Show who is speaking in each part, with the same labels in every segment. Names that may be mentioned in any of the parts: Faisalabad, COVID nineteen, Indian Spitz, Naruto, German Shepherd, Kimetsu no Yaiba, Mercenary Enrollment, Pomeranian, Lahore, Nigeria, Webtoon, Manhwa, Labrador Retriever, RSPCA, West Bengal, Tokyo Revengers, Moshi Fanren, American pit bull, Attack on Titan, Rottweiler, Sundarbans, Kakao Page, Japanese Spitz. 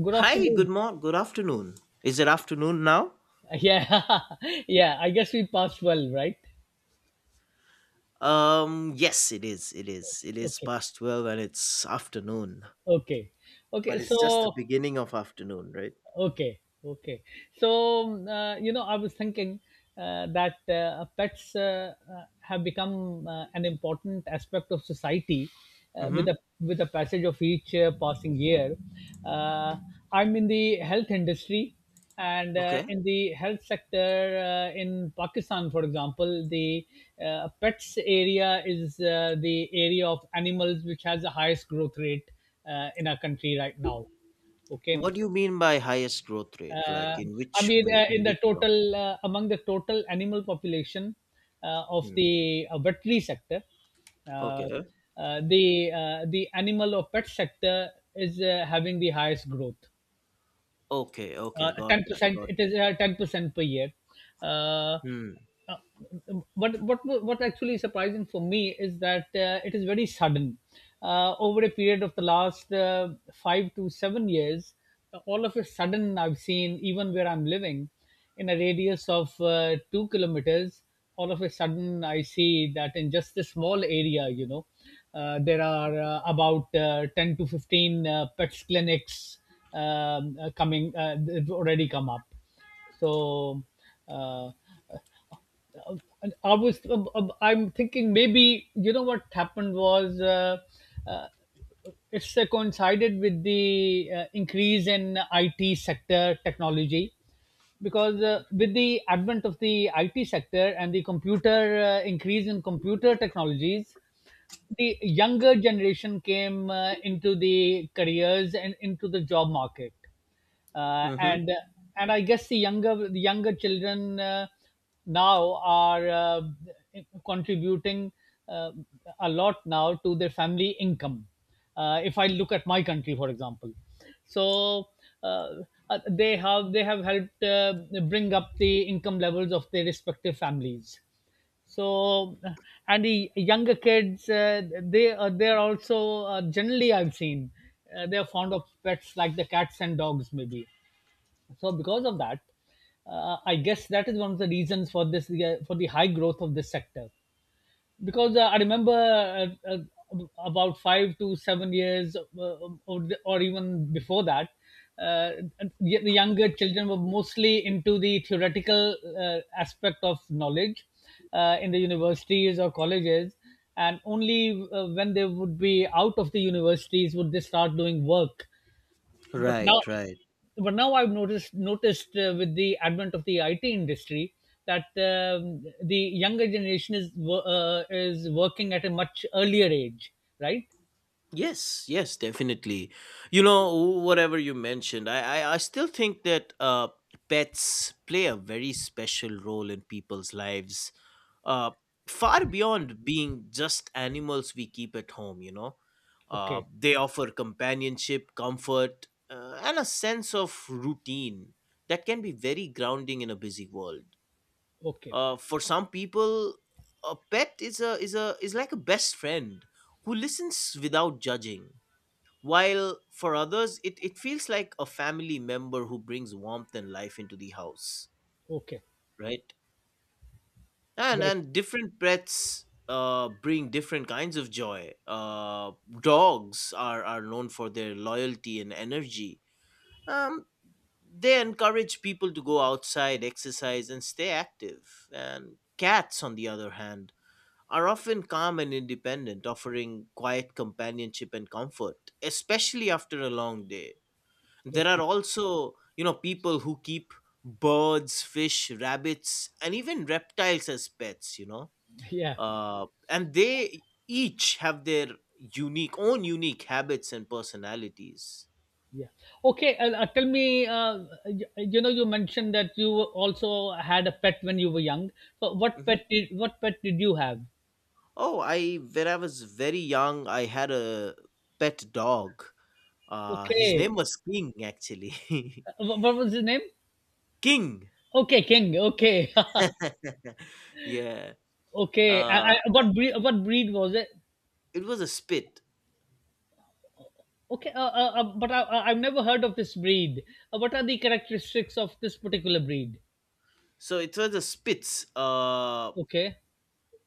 Speaker 1: Good
Speaker 2: Hi, good
Speaker 1: afternoon.
Speaker 2: morning, good afternoon. Is it afternoon now?
Speaker 1: Yeah, yeah. I guess we passed well, right?
Speaker 2: Yes, it is. It is. It is
Speaker 1: Okay,
Speaker 2: past 12 and it's afternoon.
Speaker 1: okay, okay.
Speaker 2: But it's just the beginning of afternoon, right?
Speaker 1: Okay, okay. So, you know, I was thinking that pets have become an important aspect of society with
Speaker 2: Mm-hmm.
Speaker 1: the passage of each passing year. Uh, I'm in the health industry, and
Speaker 2: Okay.
Speaker 1: in the health sector in Pakistan, for example, the pets area is the area of animals which has the highest growth rate in our country right now. Okay.
Speaker 2: What do you mean by highest growth rate? Like
Speaker 1: uh,
Speaker 2: in
Speaker 1: I
Speaker 2: which
Speaker 1: mean,
Speaker 2: way?
Speaker 1: in
Speaker 2: In
Speaker 1: the
Speaker 2: which term?
Speaker 1: total among the total animal population of
Speaker 2: Hmm.
Speaker 1: the veterinary sector, uh,
Speaker 2: Okay.
Speaker 1: the animal or pet sector is having the highest growth.
Speaker 2: Okay, okay, got that,
Speaker 1: 10%
Speaker 2: got
Speaker 1: it is 10% per year. uh,
Speaker 2: that. Hmm.
Speaker 1: uh, what what what actually is surprising for me is that it is very sudden over a period of the last 5 to 7 years. All of a sudden I've seen even where I'm living in a radius of 2 kilometers, all of a sudden I see that in just a small area, you know, there are about 10 to 15 pets clinics. They've already come up. So, uh, and I was I'm thinking maybe you know what happened was uh, it's coincided with the increase in IT sector technology, because with the advent of the IT sector and the computer increase in computer technologies the younger generation came into the careers and into the job market. uh,
Speaker 2: Mm-hmm.
Speaker 1: and and I guess the younger children now are contributing uh, a lot now to their family income if I look at my country, for example. So uh, they have helped bring up the income levels of their respective families. So and the younger kids, they, they're also, generally I've seen, they're fond of pets like the cats and dogs maybe. So because of that, I guess that is one of the reasons for this, for the high growth of this sector, because I remember, about 5 to 7 years, or even before that, uh, the younger children were mostly into the theoretical aspect of knowledge in the universities or colleges. And only when they would be out of the universities would they start doing work, but now
Speaker 2: Right, right.
Speaker 1: I've noticed with the advent of the IT industry that the younger generation is is working at a much earlier age, right?
Speaker 2: Yes, yes, definitely. You know, whatever you mentioned, I still think that pets play a very special role in people's lives, uh, far beyond being just animals we keep at home, you know.
Speaker 1: Okay.
Speaker 2: They offer companionship, comfort, and a sense of routine that can be very grounding in a busy world.
Speaker 1: Okay.
Speaker 2: For some people, a pet is like a best friend who listens without judging while for others, it feels like a family member who brings warmth and life into the house,
Speaker 1: Okay.
Speaker 2: right?
Speaker 1: Right.
Speaker 2: And different pets bring different kinds of joy. Dogs are known for their loyalty and energy. Um, they encourage people to go outside, exercise, and stay active. And cats, on the other hand, are often calm and independent, offering quiet companionship and comfort, especially after a long day. There are
Speaker 1: Okay.
Speaker 2: also, you know, people who keep birds, fish, rabbits, and even reptiles as pets, you know.
Speaker 1: Yeah,
Speaker 2: And they each have their unique own unique habits and personalities.
Speaker 1: yeah. Okay. Tell me, you, you know you mentioned that you also had a pet when you were young, so what
Speaker 2: Hmm.
Speaker 1: pet did you have?
Speaker 2: Oh, I when I was very young, I had a pet dog. His name
Speaker 1: Okay.
Speaker 2: was King actually.
Speaker 1: What was his name?
Speaker 2: King.
Speaker 1: Okay. King. Okay.
Speaker 2: Yeah.
Speaker 1: Okay.
Speaker 2: uh,
Speaker 1: What breed? What breed was it?
Speaker 2: it was a spit.
Speaker 1: Okay, but I've never heard of this breed. What are the characteristics of this particular breed?
Speaker 2: So it was a Spitz.
Speaker 1: Okay.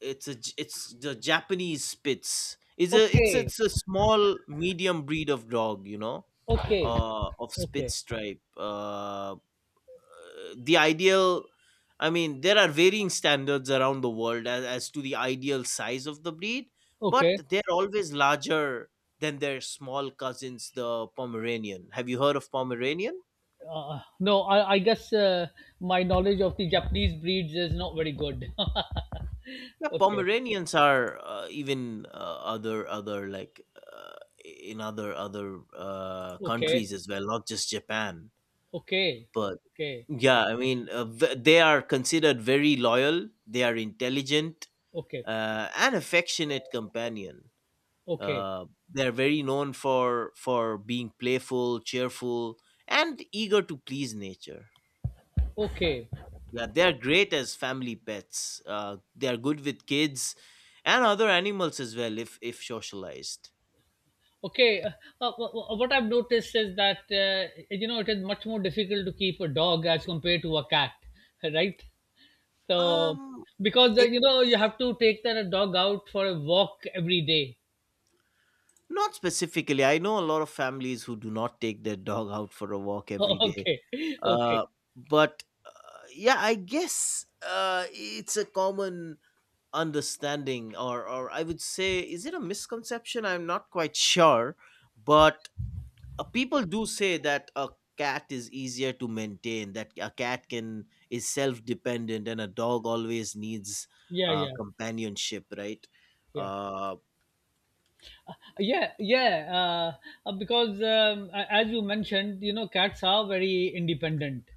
Speaker 2: It's a it's the Japanese Spitz. It's a it's
Speaker 1: Okay.
Speaker 2: it's a small medium breed of dog, you know,
Speaker 1: Okay.
Speaker 2: of
Speaker 1: Okay.
Speaker 2: Spitz stripe. The ideal, I mean, there are varying standards around the world as to the ideal size of the breed, but
Speaker 1: Okay.
Speaker 2: they're always larger than their small cousins, the Pomeranian. Have you heard of Pomeranian?
Speaker 1: No, I guess my knowledge of the Japanese breeds is not very good.
Speaker 2: Yeah,
Speaker 1: Okay.
Speaker 2: Pomeranians are even other other like in other other
Speaker 1: Okay.
Speaker 2: countries as well, not just Japan.
Speaker 1: Okay.
Speaker 2: But
Speaker 1: Okay.
Speaker 2: yeah, I mean, they are considered very loyal. They are intelligent
Speaker 1: Okay.
Speaker 2: and affectionate companion.
Speaker 1: Okay.
Speaker 2: Uh, they are very known for being playful, cheerful, and eager to please nature.
Speaker 1: Okay.
Speaker 2: Yeah, they're great as family pets. They are good with kids and other animals as well if socialized.
Speaker 1: Okay, what I've noticed is that you know it is much more difficult to keep a dog as compared to a cat, right? So
Speaker 2: Um,
Speaker 1: because
Speaker 2: eh,
Speaker 1: you know you have to take that dog out for a walk every day.
Speaker 2: not specifically. I know a lot of families who do not take their dog out for a walk every day.
Speaker 1: Okay. Okay,
Speaker 2: Uh, but yeah, I guess it's a common understanding, or I would say, is it a misconception? I'm not quite sure, but people do say that a cat is easier to maintain, that a cat can is self-dependent and a dog always needs
Speaker 1: yeah, yeah,
Speaker 2: companionship, right?
Speaker 1: yeah.
Speaker 2: uh,
Speaker 1: Yeah, yeah. Because as you mentioned you know cats are very independent,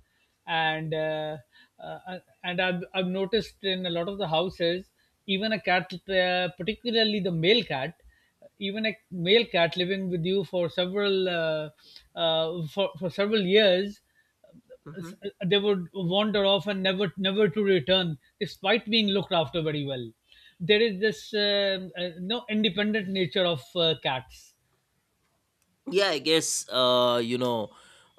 Speaker 1: and uh, and I've noticed in a lot of the houses even a cat, particularly the male cat, even a male cat living with you for several, for several years,
Speaker 2: Mhm.
Speaker 1: they would wander off and never to return despite being looked after very well. There is this, no independent nature of cats.
Speaker 2: Yeah, I guess, you know,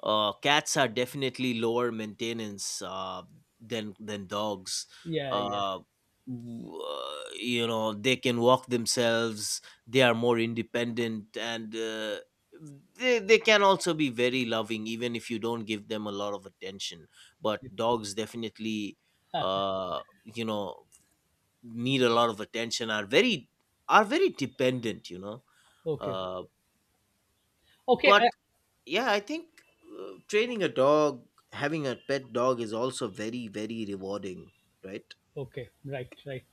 Speaker 2: cats are definitely lower maintenance than dogs.
Speaker 1: Yeah, yeah.
Speaker 2: uh you know, they can walk themselves. They are more independent and they can also be very loving even if you don't give them a lot of attention. But dogs definitely, you know, need a lot of attention, are very, are very dependent, you know.
Speaker 1: Okay.
Speaker 2: uh
Speaker 1: Okay.
Speaker 2: but yeah, I think training a dog, having a pet dog is also very very rewarding, right?
Speaker 1: Okay. Right, right.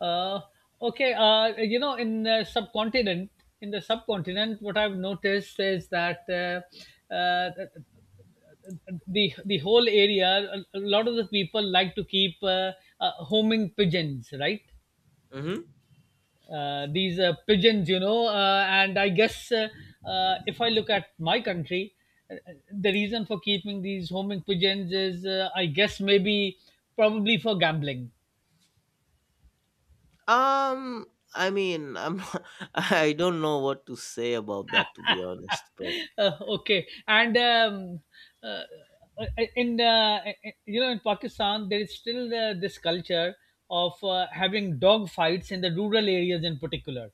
Speaker 1: uh, okay, you know in the subcontinent, what I've noticed is that, uh, the whole area, a lot of the people like to keep homing pigeons, right?
Speaker 2: Mm-hmm.
Speaker 1: These pigeons, you know. And I guess, if I look at my country, the reason for keeping these homing pigeons is, I guess, maybe probably for gambling.
Speaker 2: um I mean, I'm I don't know what to say about that, to be honest, but.
Speaker 1: uh, okay, and uh, uh, in you know in Pakistan there is still this culture of having dog fights in the rural areas in particular.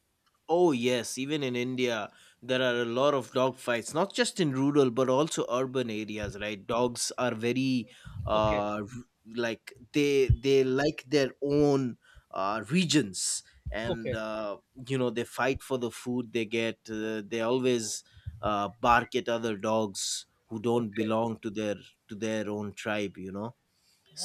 Speaker 2: Oh, yes, even in India, there are a lot of dog fights, not just in rural but also urban areas, right? Dogs are very
Speaker 1: Okay.
Speaker 2: uh r- like they like their own regions, and
Speaker 1: Okay.
Speaker 2: you know, they fight for the food they get. They always bark at other dogs who don't
Speaker 1: Okay.
Speaker 2: belong to their, to their own tribe, you know.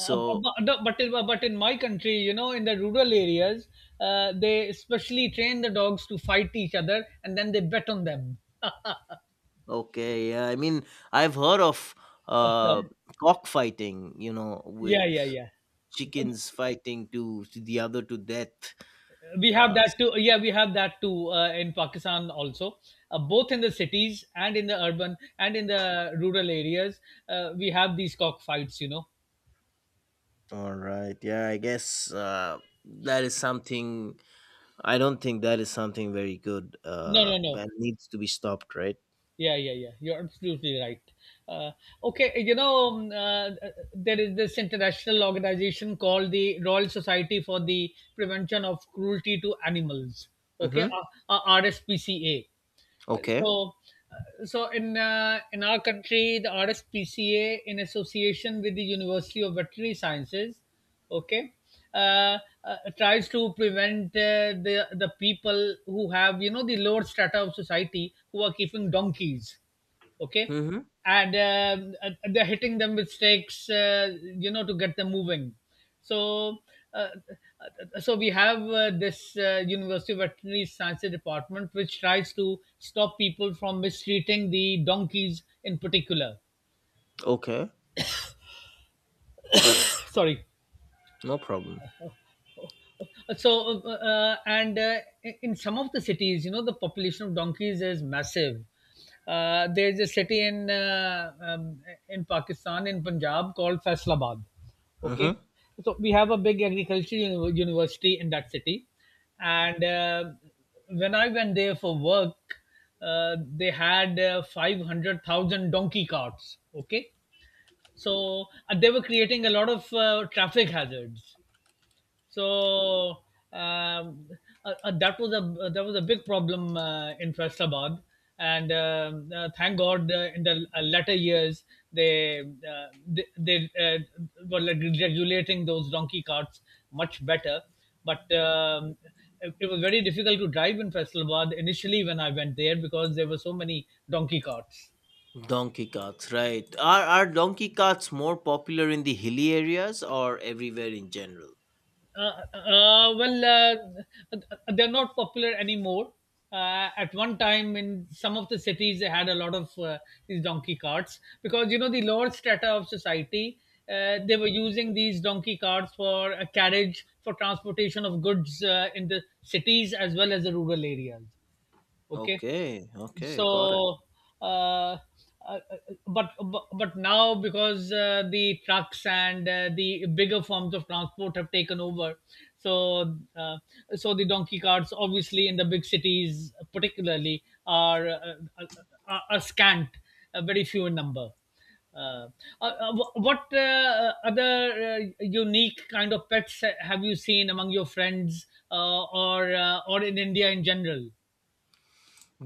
Speaker 1: Uh, bu- bu- but in, but in my country, you know, in the rural areas, they specially train the dogs to fight each other, and then they bet on them.
Speaker 2: okay, yeah, I mean, I've heard of uh cockfighting, you know, with
Speaker 1: Yeah, yeah, yeah.
Speaker 2: chickens fighting to the other to death.
Speaker 1: We have
Speaker 2: Uh,
Speaker 1: that too. Yeah, we have that too, in Pakistan also. Both in the cities and in the urban and in the rural areas, we have these cockfights. You know.
Speaker 2: all right, yeah, I guess that is something. I don't think that is something very good.
Speaker 1: No, no, no.
Speaker 2: That needs to be stopped, right?
Speaker 1: Yeah, yeah, yeah. You're absolutely right. Uh, okay, you know, there is this international organization called the Royal Society for the Prevention of Cruelty to Animals. Okay,
Speaker 2: Mm-hmm.
Speaker 1: RSPCA.
Speaker 2: Okay.
Speaker 1: So in in our country, the RSPCA, in association with the University of Veterinary Sciences, okay, uh, tries to prevent, the people who have, you know, the lower strata of society, who are keeping donkeys, okay,
Speaker 2: Mm-hmm.
Speaker 1: and they're hitting them with stakes, you know, to get them moving. So uh, so we have this university veterinary sciences department which tries to stop people from mistreating the donkeys in particular
Speaker 2: Okay.
Speaker 1: sorry
Speaker 2: No problem.
Speaker 1: so and in some of the cities, you know, the population of donkeys is massive. There's a city in, in Pakistan, in Punjab, called Faisalabad. Okay.
Speaker 2: Mm-hmm.
Speaker 1: So we have a big agricultural university in that city, and when I went there for work uh, they had 500,000 donkey carts. Okay. So they were creating a lot of, traffic hazards. So um, that was a, big problem in Faisalabad, and thank God in the latter years they, were like regulating those donkey carts much better. But it, was very difficult to drive in Faisalabad initially when I went there because there were so many donkey carts.
Speaker 2: Donkey carts, right? Are donkey carts more popular in the hilly areas or everywhere in general?
Speaker 1: Well, uh, they're not popular anymore. At one time, in some of the cities, they had a lot of, these donkey carts, because you know the lower strata of society. They were using these donkey carts for a carriage for transportation of goods, in the cities as well as the rural areas. Okay.
Speaker 2: Okay. Okay. Got it.
Speaker 1: So uh, uh, uh, but now because the trucks and the bigger forms of transport have taken over. So the donkey carts obviously in the big cities particularly are, are scant, very few in number. uh, what other unique kind of pets have you seen among your friends, or in India in general?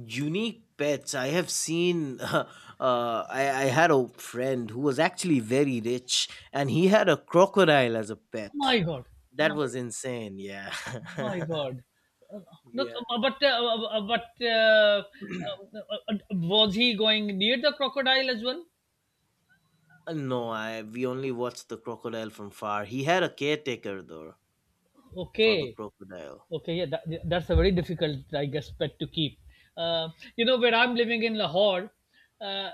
Speaker 2: Unique pets I have seen. I had a friend who was actually very rich and he had a crocodile as a pet.
Speaker 1: My God.
Speaker 2: That
Speaker 1: my
Speaker 2: was insane, yeah.
Speaker 1: My God. Uh, But
Speaker 2: Yeah.
Speaker 1: but uh, was he going near the crocodile as well?
Speaker 2: No, I we only watched the crocodile from far. He had a caretaker though, for the
Speaker 1: Okay.
Speaker 2: crocodile.
Speaker 1: Okay, yeah, yeah, that's a very difficult, I guess, pet to keep. Uh, you know, where I'm living in Lahore, uh,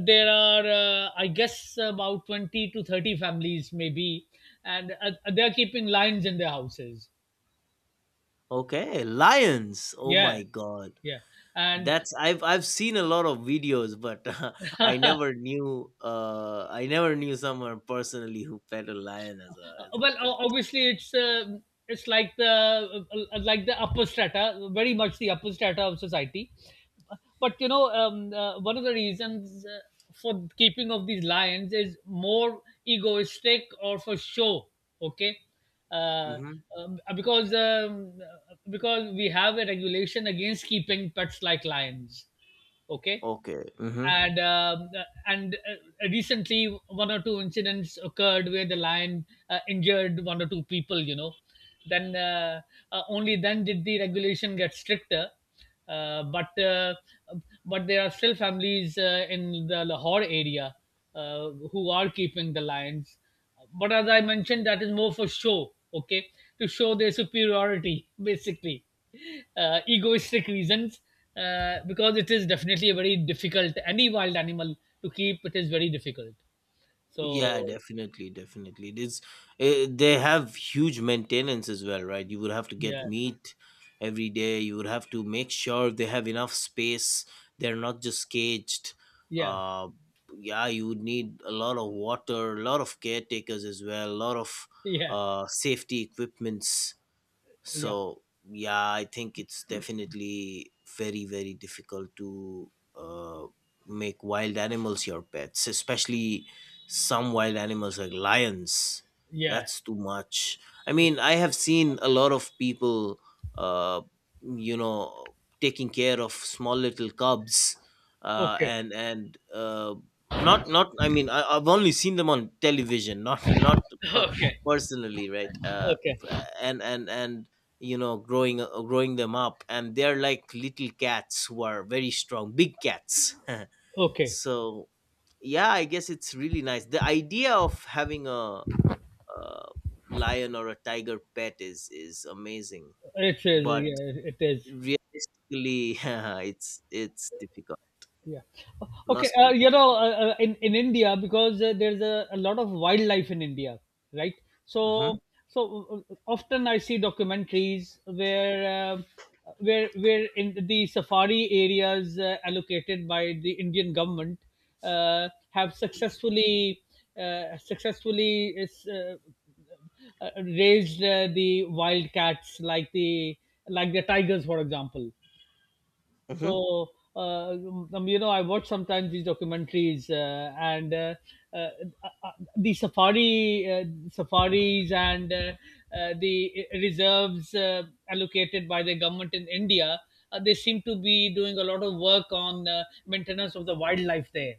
Speaker 1: there are, I guess, about 20 to 30 families, maybe, and they're keeping lions in their houses.
Speaker 2: Okay, lions, oh
Speaker 1: Yeah,
Speaker 2: my god.
Speaker 1: yeah, and
Speaker 2: That's I've seen a lot of videos, but I never knew, I never knew someone personally who pet a lion as a, as a
Speaker 1: Well,
Speaker 2: pet.
Speaker 1: obviously, it's, it's like the, like the upper strata, very much the upper strata of society. But you know, one of the reasons, for keeping of these lions is more egoistic or for show. Okay. uh,
Speaker 2: Mm-hmm.
Speaker 1: um, uh, because um, uh, because we have a regulation against keeping pets like lions. Okay.
Speaker 2: Okay. Mm-hmm.
Speaker 1: And recently one or two incidents occurred where the lion injured one or two people, you know. Then, only then did the regulation get stricter, uh, but uh, but there are still families in the Lahore area, who are keeping the lions. But as I mentioned, that is more for show, okay? To show their superiority, basically. Egoistic reasons, because it is definitely a very difficult, any wild animal to keep, it is very difficult.
Speaker 2: Yeah,
Speaker 1: So.
Speaker 2: definitely, definitely. This, they have huge maintenance as well, right? You would have to get
Speaker 1: Yeah,
Speaker 2: meat every day. You would have to make sure they have enough space. They're not just caged.
Speaker 1: yeah,
Speaker 2: Uh, yeah, you would need a lot of water, a lot of caretakers as well, a lot of
Speaker 1: yeah,
Speaker 2: safety equipments.
Speaker 1: yeah,
Speaker 2: So yeah, I think it's definitely very very difficult to uh, make wild animals your pets, especially some wild animals like lions.
Speaker 1: yeah.
Speaker 2: That's too much. I mean, I have seen a lot of people, uh, you know, taking care of small little cubs,
Speaker 1: Okay.
Speaker 2: and not not, I mean, I, I've only seen them on television, not not
Speaker 1: Okay.
Speaker 2: personally, right? uh,
Speaker 1: Okay.
Speaker 2: and and and you know, growing, growing them up, and they're like little cats who are very strong big cats.
Speaker 1: Okay.
Speaker 2: So yeah, I guess it's really nice. The idea of having a lion or a tiger pet is amazing,
Speaker 1: It is,
Speaker 2: but
Speaker 1: yeah, it is.
Speaker 2: realistically it's difficult.
Speaker 1: Yeah. Okay.
Speaker 2: Must
Speaker 1: Uh,
Speaker 2: be
Speaker 1: you know, uh, uh, in in India, because there's a lot of wildlife in India, right? So
Speaker 2: difficult.
Speaker 1: so often I see documentaries where in the safari areas allocated by the Indian government have successfully uh, successfully is, uh, raised the wild cats like the tigers, for example.
Speaker 2: Hmm. Hmm.
Speaker 1: so, I watch sometimes these documentaries, and uh, uh, the safaris and the reserves allocated by the government in India. They seem to be doing a lot of work on maintenance of the wildlife there.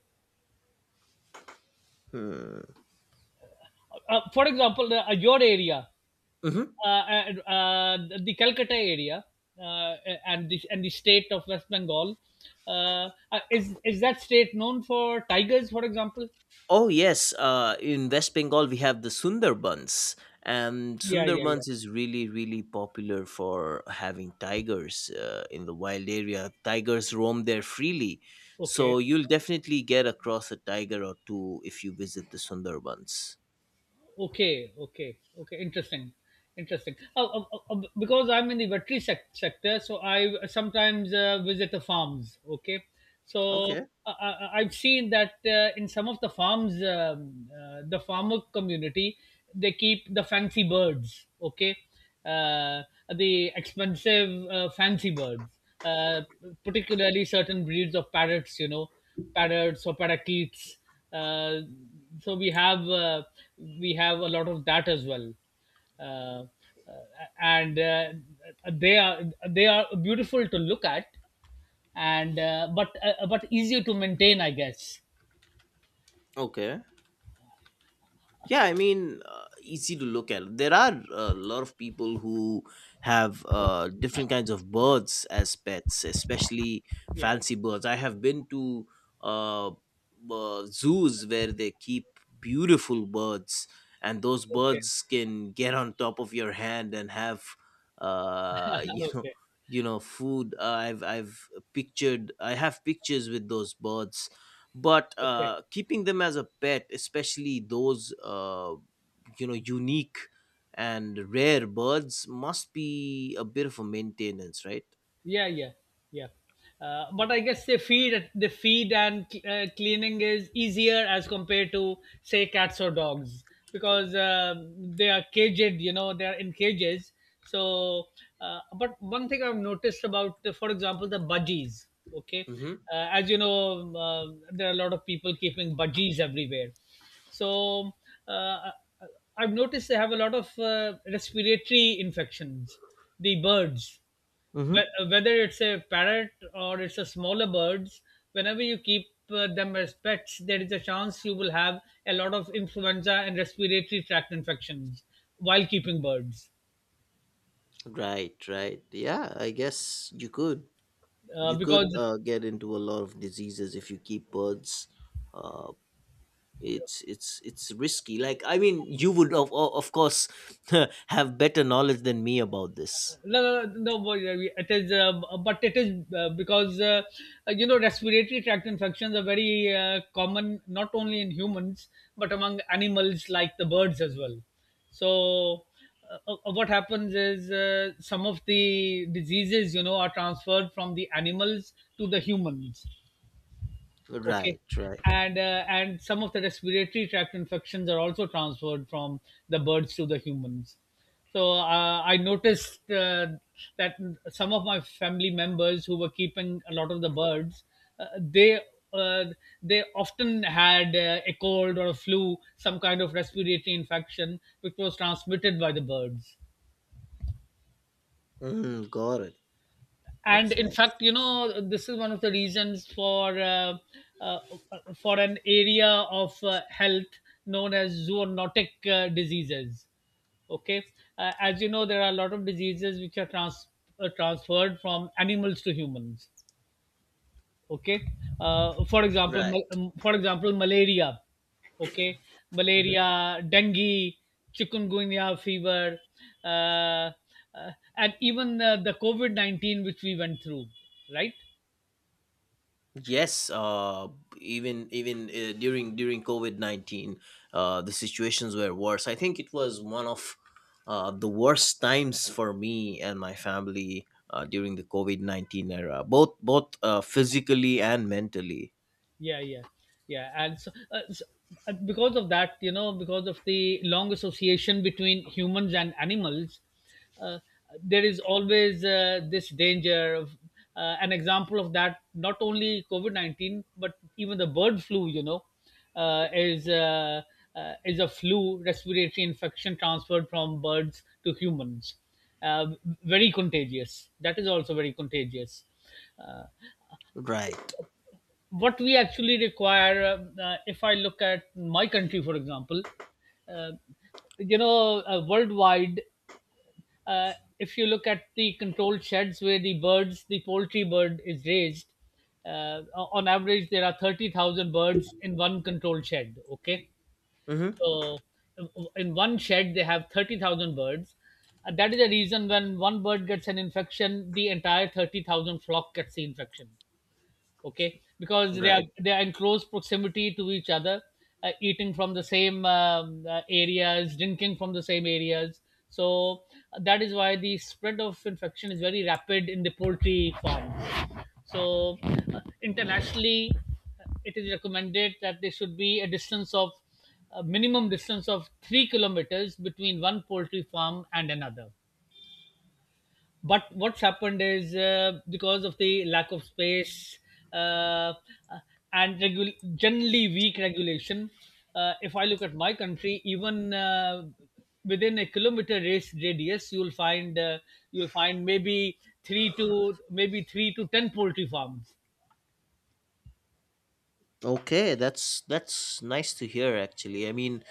Speaker 2: Hmm.
Speaker 1: For example, your area,
Speaker 2: Hmm.
Speaker 1: and the Calcutta area, uh, and the state of West Bengal. Is that state known for tigers, for example?
Speaker 2: Oh yes, in West Bengal we have the Sundarbans, and
Speaker 1: Yeah, yeah, yeah.
Speaker 2: Sundarbans is really really popular for having tigers in the wild area. Tigers roam there freely,
Speaker 1: Okay.
Speaker 2: so you'll definitely get across a tiger or two if you visit the Sundarbans.
Speaker 1: Okay, okay, okay. Interesting, interesting. Because I'm in the veterinary sector, so I sometimes visit the farms. Okay, so
Speaker 2: Okay.
Speaker 1: uh, uh, I've seen that in some of the farms, the farmer community, they keep the fancy birds. Okay, uh, the expensive fancy birds, uh, particularly certain breeds of parrots. You know, parrots or parakeets, uh, so we have a lot of that as well, uh, uh, and they are they are beautiful to look at, and but easier to maintain, I guess.
Speaker 2: Okay. Yeah, I mean, easy to look at. There are a lot of people who have different kinds of birds as pets, especially
Speaker 1: Yeah.
Speaker 2: fancy birds. I have been to uh, zoos where they keep beautiful birds, and those
Speaker 1: Okay.
Speaker 2: birds can get on top of your hand and have you know,
Speaker 1: Okay,
Speaker 2: you know, food. I have pictures with those birds. But
Speaker 1: okay.
Speaker 2: keeping them as a pet, especially those you know, unique and rare birds, must be a bit of a maintenance, right?
Speaker 1: Yeah, yeah, yeah. But I guess they feed the feed, and cleaning is easier as compared to, say, cats or dogs, because they are caged, they are in cages. So, but one thing I've noticed about, for example, the budgies. Okay,
Speaker 2: Mm-hmm.
Speaker 1: as you know, there are a lot of people keeping budgies everywhere. So, uh, I've noticed they have a lot of respiratory infections, the birds.
Speaker 2: Mm-hmm.
Speaker 1: Whether it's a parrot or it's a smaller birds, whenever you keep them as pets, there is a chance you will have a lot of influenza and respiratory tract infections while keeping birds,
Speaker 2: Right, right. Yeah, I guess you could. You could
Speaker 1: because
Speaker 2: get into a lot of diseases if you keep birds. Uh, it's risky. Like I mean, you would of course have better knowledge than me about this.
Speaker 1: no, no, no, no, it is, but it is, because respiratory tract infections are very common, not only in humans but among animals like the birds as well. So, what happens is, some of the diseases, are transferred from the animals to the humans. Okay,
Speaker 2: Right, right.
Speaker 1: and some of the respiratory tract infections are also transferred from the birds to the humans. So I noticed that some of my family members who were keeping a lot of the birds, uh, they uh, they often had a cold or a flu, some kind of respiratory infection, which was transmitted by the birds.
Speaker 2: Mm, got it.
Speaker 1: And
Speaker 2: That's
Speaker 1: in
Speaker 2: nice.
Speaker 1: fact, this is one of the reasons for, uh, for an area of health known as zoonotic diseases. Okay, as you know, there are a lot of diseases which are transferred from animals to humans. Okay,
Speaker 2: Right.
Speaker 1: for example, malaria. Okay,
Speaker 2: Mhm.
Speaker 1: malaria, dengue, chikungunya fever, uh, and even the covid-19, which we went through, right?
Speaker 2: Yes, even during COVID 19, the situations were worse. I think it was one of the worst times for me and my family during the COVID 19 era, both physically and mentally.
Speaker 1: Yeah, yeah, yeah. And so, because of that, because of the long association between humans and animals, uh, there is always this danger of, an example of that, not only covid-19 but even the bird flu. You know uh, is uh, is a flu, respiratory infection, transferred from birds to humans, uh, very contagious. That is also very contagious. Uh,
Speaker 2: Right.
Speaker 1: what we actually require, if I look at my country, for example, uh, worldwide, uh, if you look at the controlled sheds where the poultry bird is raised, uh, on average, there are 30,000 birds in one controlled shed. Okay,
Speaker 2: Mm-hmm.
Speaker 1: so in one shed they have 30,000 birds. That is the reason, when one bird gets an infection, the entire 30,000 flock gets the infection. Okay, because they are
Speaker 2: Right.
Speaker 1: they are in close proximity to each other, eating from the same, areas, drinking from the same areas. So, that is why the spread of infection is very rapid in the poultry farms. So, internationally, it is recommended that there should be a distance of, a minimum distance of 3 kilometers between one poultry farm and another. But what's happened is, because of the lack of space, uh, uh, and generally weak regulation, if I look at my country, even within a kilometer race radius, you'll find, you'll find maybe 3 to 10 poultry farms.
Speaker 2: Okay, that's nice to hear. Actually, I mean,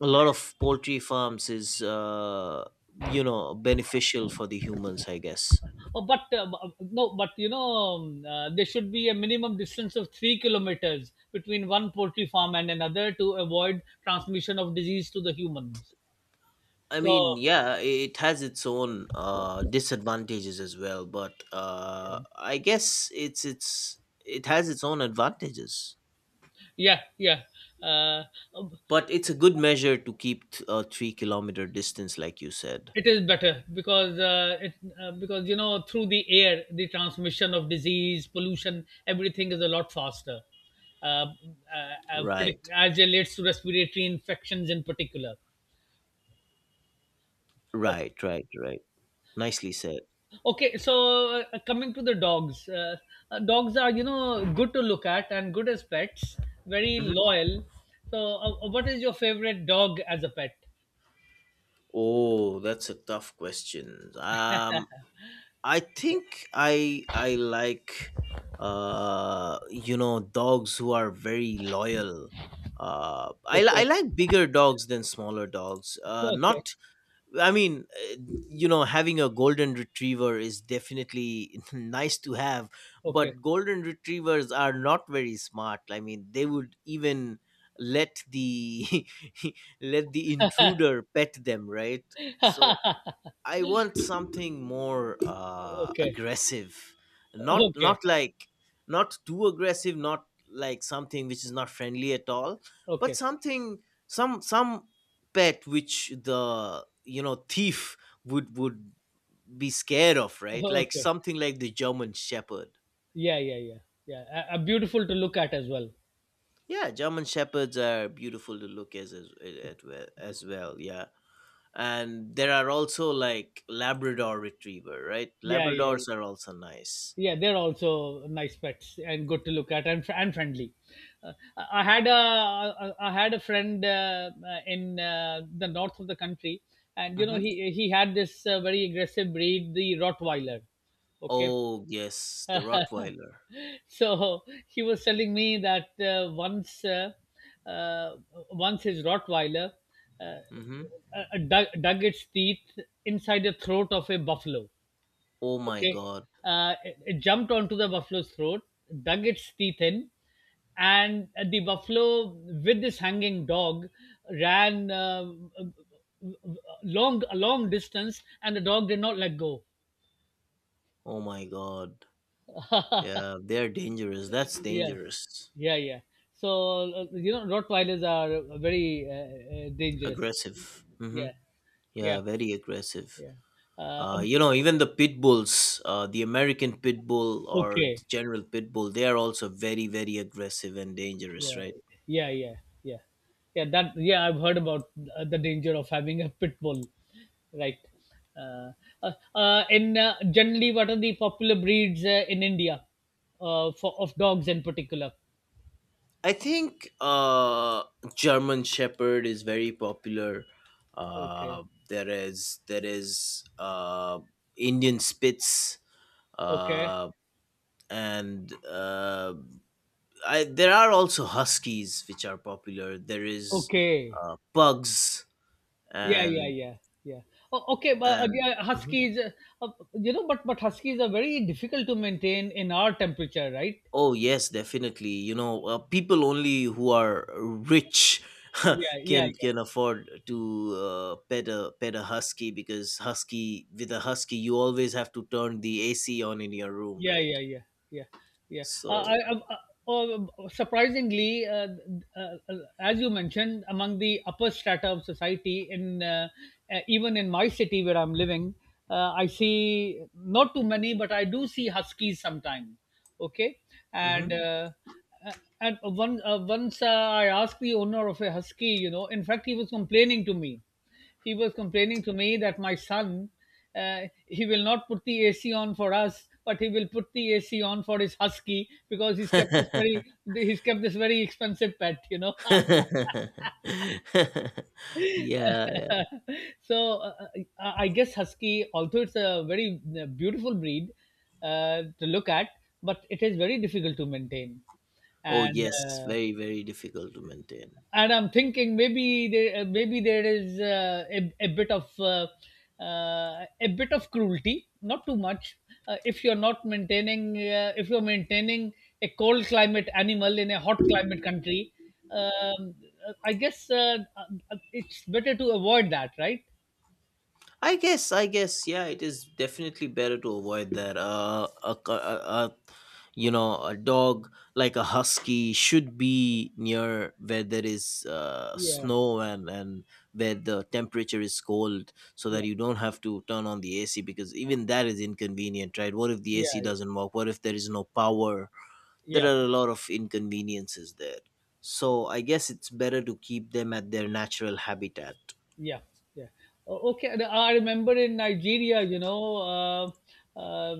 Speaker 2: a lot of poultry farms is, you know, beneficial for the humans, I guess.
Speaker 1: Oh, but no, but there should be a minimum distance of 3 kilometers between one poultry farm and another, to avoid transmission of disease to the humans.
Speaker 2: I
Speaker 1: So,
Speaker 2: mean, yeah, it has its own disadvantages as well, but
Speaker 1: yeah,
Speaker 2: I guess it's it has its own advantages.
Speaker 1: yeah. Yeah. uh, um,
Speaker 2: But it's a good measure to keep a 3 kilometer distance, like you said.
Speaker 1: it is better, because it because, through the air, the transmission of disease, pollution, everything is a lot faster, uh,
Speaker 2: Right,
Speaker 1: as it relates to respiratory infections in particular. Oh.
Speaker 2: right, right, right. Nicely said.
Speaker 1: Okay, so coming to the dogs, dogs are, good to look at and good as pets, very
Speaker 2: Mhm.
Speaker 1: loyal. So, what is your favorite dog as a pet?
Speaker 2: Oh, that's a tough question. I think I like you know, dogs who are very loyal. I
Speaker 1: Okay.
Speaker 2: like bigger dogs than smaller dogs.
Speaker 1: Okay. Okay.
Speaker 2: Not, I mean, you know, having a golden retriever is definitely nice to have,
Speaker 1: Okay.
Speaker 2: but golden retrievers are not very smart. I mean, they would even let the let the intruder pet them, right? So I want something more
Speaker 1: Okay.
Speaker 2: aggressive, not
Speaker 1: Okay,
Speaker 2: not like, not too aggressive, not like something which is not friendly at all, but
Speaker 1: okay,
Speaker 2: something, some pet which the, you know, thief would be scared of, right? Like
Speaker 1: okay.
Speaker 2: something like the German Shepherd.
Speaker 1: Yeah, yeah, yeah, yeah. Beautiful to look at as well.
Speaker 2: Yeah, German Shepherds are beautiful to look as,
Speaker 1: Yeah,
Speaker 2: at well, as well. Yeah, and there are also like Labrador Retriever, right?
Speaker 1: yeah, yeah. Yeah.
Speaker 2: Labradors are also nice.
Speaker 1: Yeah, they're also nice pets and good to look at, and friendly. Uh, I I had a I had a friend, in the north of the country, and
Speaker 2: Mhm.
Speaker 1: he had this very aggressive breed, the Rottweiler. Okay.
Speaker 2: Oh yes, the Rottweiler.
Speaker 1: So he was telling me that, uh, once, his Rottweiler, uh,
Speaker 2: Mm-hmm.
Speaker 1: dug its teeth inside the throat of a buffalo.
Speaker 2: Oh my
Speaker 1: Okay,
Speaker 2: god.
Speaker 1: it jumped onto the buffalo's throat, dug its teeth in, and the buffalo, with this hanging dog, ran, long a long distance, and the dog did not let go.
Speaker 2: Oh my god. Yeah, they're dangerous. That's
Speaker 1: Yeah,
Speaker 2: dangerous.
Speaker 1: yeah, yeah. So, Rottweilers are very, dangerous.
Speaker 2: Aggressive. Mm-hmm.
Speaker 1: Yeah, yeah,
Speaker 2: Yeah, very aggressive.
Speaker 1: yeah. Uh, um,
Speaker 2: You know, even the pit bulls, the American pit bull or
Speaker 1: okay.
Speaker 2: the general pit bull, they are also very, very aggressive and dangerous,
Speaker 1: Yeah,
Speaker 2: right?
Speaker 1: yeah, yeah, yeah, yeah, that yeah, I've heard about the danger of having a pit bull, right? uh, in Generally, what are the popular breeds in India, for of dogs in particular?
Speaker 2: I think German Shepherd is very popular.
Speaker 1: Okay,
Speaker 2: Uh, there is Indian Spitz,
Speaker 1: okay,
Speaker 2: uh, and there are also huskies which are popular. There is
Speaker 1: okay.
Speaker 2: pugs
Speaker 1: Yeah, yeah,
Speaker 2: and
Speaker 1: yeah, yeah. Oh, okay, but
Speaker 2: and
Speaker 1: yeah,
Speaker 2: Mhm.
Speaker 1: huskies, but huskies are very difficult to maintain in our temperature, right?
Speaker 2: Oh yes, definitely. You know, people only who are rich
Speaker 1: Yeah, yeah,
Speaker 2: can
Speaker 1: yeah.
Speaker 2: afford to pet a husky, because husky, with a husky you always have to turn the AC on in your room,
Speaker 1: Yeah,
Speaker 2: right?
Speaker 1: yeah, yeah, yeah, yeah.
Speaker 2: So.
Speaker 1: Uh, Surprisingly, as you mentioned, among the upper strata of society, in even in my city where I'm living, I see not too many, but I do see huskies sometimes. Okay, and
Speaker 2: Mhm.
Speaker 1: uh, uh, and one once, I asked the owner of a husky. You know, in fact, he was complaining to me that my son, he will not put the AC on for us, but he will put the AC on for his husky, because he's kept this very expensive pet, you know.
Speaker 2: Yeah, yeah.
Speaker 1: So, I guess husky, although it's a very beautiful breed to look at, but it is very difficult to maintain,
Speaker 2: Oh
Speaker 1: and
Speaker 2: yes,
Speaker 1: uh,
Speaker 2: very very difficult to maintain.
Speaker 1: and I'm thinking, maybe there is a bit of cruelty, not too much. If you're maintaining a cold climate animal in a hot climate country, um, I guess, it's better to avoid that, right?
Speaker 2: I guess, I guess, yeah, it is definitely better to avoid that. A, c- a You know, a dog like a husky should be near where there is
Speaker 1: Yeah,
Speaker 2: snow and where the temperature is cold, so that
Speaker 1: yeah,
Speaker 2: you don't have to turn on the AC, because even that is inconvenient, right? What if the
Speaker 1: yeah,
Speaker 2: AC
Speaker 1: yeah,
Speaker 2: doesn't work? What if there is no power? There
Speaker 1: yeah.
Speaker 2: are a lot of inconveniences there. So I guess it's better to keep them at their natural habitat.
Speaker 1: Yeah, yeah. Okay, and I remember, in Nigeria, you know, uh, uh,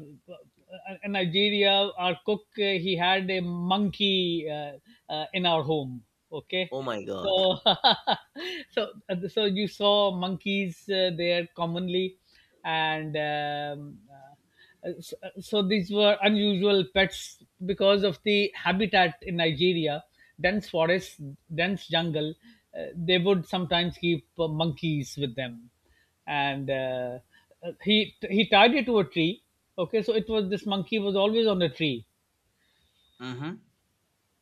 Speaker 1: in Nigeria, our cook, he had a monkey, in our home. Okay,
Speaker 2: Oh my god.
Speaker 1: so so so you saw monkeys there commonly, and uh, so, these were unusual pets because of the habitat in Nigeria, dense forests, dense jungle. They would sometimes keep monkeys with them, and he tied it to a tree. Okay, so it was this monkey was always on a tree,
Speaker 2: Mm-hmm.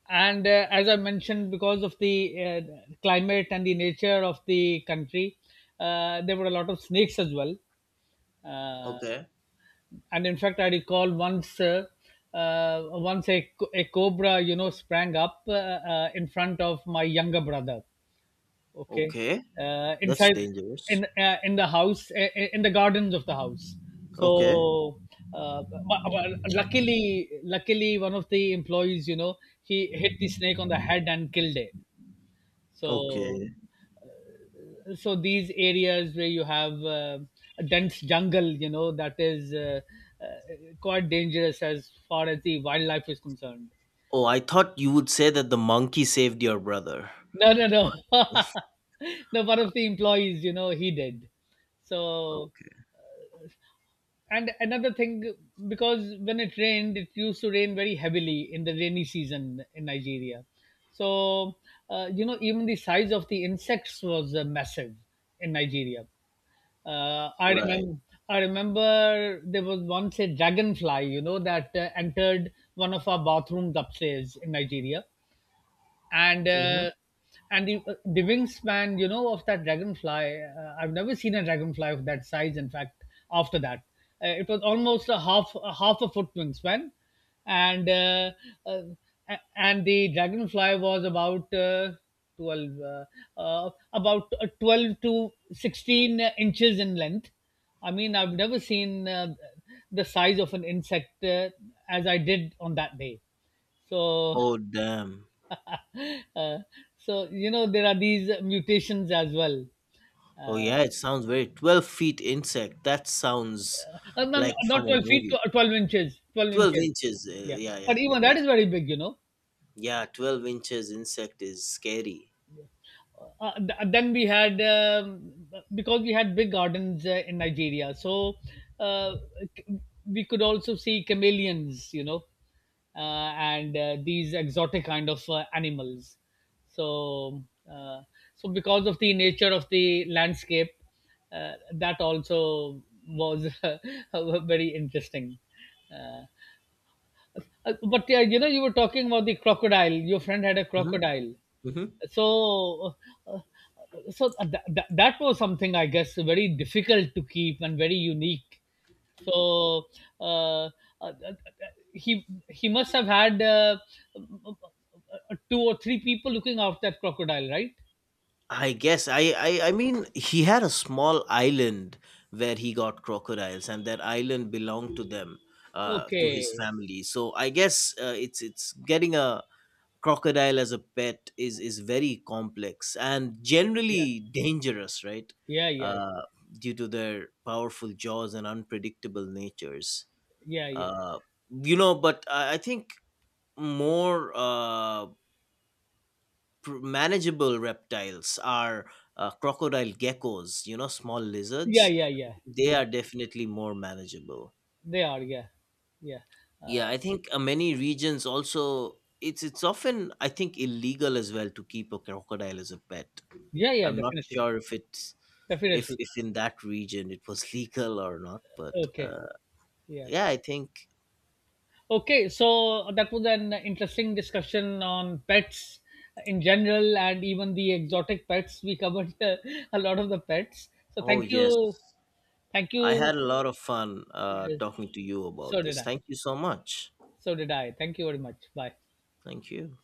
Speaker 1: and as I mentioned, because of the climate and the nature of the country, there were a lot of snakes as well. Uh,
Speaker 2: Okay.
Speaker 1: and in fact, I recall once, uh, once, a cobra, you know, sprang up, in front of my younger brother. Okay,
Speaker 2: Okay. That's
Speaker 1: inside
Speaker 2: dangerous.
Speaker 1: in the house, in the gardens of the house.
Speaker 2: Okay.
Speaker 1: So, but, luckily one of the employees, you know, he hit the snake on the head and killed it. So
Speaker 2: Okay.
Speaker 1: so, these areas where you have a dense jungle, you know, that is uh, quite dangerous as far as the wildlife is concerned.
Speaker 2: Oh, I thought you would say that the monkey saved your brother.
Speaker 1: No, no, no. No, one of the employees, you know, he did. So,
Speaker 2: Okay.
Speaker 1: and another thing, because when it rained, it used to rain very heavily in the rainy season in Nigeria. So, even the size of the insects was massive in Nigeria. I
Speaker 2: Right.
Speaker 1: remember, I remember there was once a dragonfly, you know, that entered one of our bathrooms upstairs in Nigeria, and
Speaker 2: Hmm.
Speaker 1: uh, and the wingspan, you know, of that dragonfly, I've never seen a dragonfly of that size, in fact. After that, it was almost a half, a foot wingspan, and uh, uh, and the dragonfly was about, 12 to 16 inches in length. I mean, I've never seen the size of an insect, as I did on that day. So,
Speaker 2: Oh, damn.
Speaker 1: Uh, so, there are these mutations as well.
Speaker 2: Oh, yeah, it sounds very. 12 feet insect. That sounds
Speaker 1: No, no,
Speaker 2: like from
Speaker 1: not
Speaker 2: a
Speaker 1: 12 feet,
Speaker 2: movie.
Speaker 1: 12 inches, twelve
Speaker 2: 12
Speaker 1: inches.
Speaker 2: inches.
Speaker 1: Yeah,
Speaker 2: Yeah, yeah.
Speaker 1: but
Speaker 2: I
Speaker 1: even
Speaker 2: mean,
Speaker 1: that is very big, you know.
Speaker 2: yeah, 12 inches insect is scary.
Speaker 1: Then we had, because we had big gardens in Nigeria, so uh, c- we could also see chameleons, you know, uh, and these exotic kind of animals. So, uh, because of the nature of the landscape, that also was very interesting. Uh, but yeah, you know, you were talking about the crocodile. Your friend had a crocodile.
Speaker 2: Mm-hmm.
Speaker 1: So, uh, that was something, I guess, very difficult to keep and very unique. So, uh, uh, he must have had, two or three people looking after that crocodile, right?
Speaker 2: I guess, I mean he had a small island where he got crocodiles, and that island belonged to them, to his
Speaker 1: Okay.
Speaker 2: family. So I guess it's getting a crocodile as a pet is very complex and
Speaker 1: Yeah,
Speaker 2: generally dangerous, right?
Speaker 1: yeah, yeah,
Speaker 2: Uh, due to their powerful jaws and unpredictable natures,
Speaker 1: yeah, yeah,
Speaker 2: uh, you know. But I think more. Manageable reptiles are, crocodile geckos, you know, small
Speaker 1: yeah,
Speaker 2: lizards,
Speaker 1: yeah, yeah,
Speaker 2: they
Speaker 1: yeah.
Speaker 2: are definitely more manageable.
Speaker 1: They are. Yeah, yeah.
Speaker 2: Yeah,
Speaker 1: uh,
Speaker 2: I think many regions also, it's often, I think, illegal as well to keep a crocodile as a pet.
Speaker 1: yeah, yeah,
Speaker 2: I'm not
Speaker 1: definitely.
Speaker 2: sure if it's,
Speaker 1: Definitely.
Speaker 2: if in that region it was legal or not, but
Speaker 1: Okay. Yeah.
Speaker 2: yeah, I think.
Speaker 1: Okay, so that was an interesting discussion on pets in general, and even the exotic pets. We covered a lot of the pets. So,
Speaker 2: Oh
Speaker 1: thank
Speaker 2: yes,
Speaker 1: you. Thank
Speaker 2: I
Speaker 1: you.
Speaker 2: had a lot of fun
Speaker 1: Yes.
Speaker 2: talking to you about
Speaker 1: So did
Speaker 2: this.
Speaker 1: I.
Speaker 2: Thank you so much.
Speaker 1: So did I. Thank you very much. Bye.
Speaker 2: Thank you.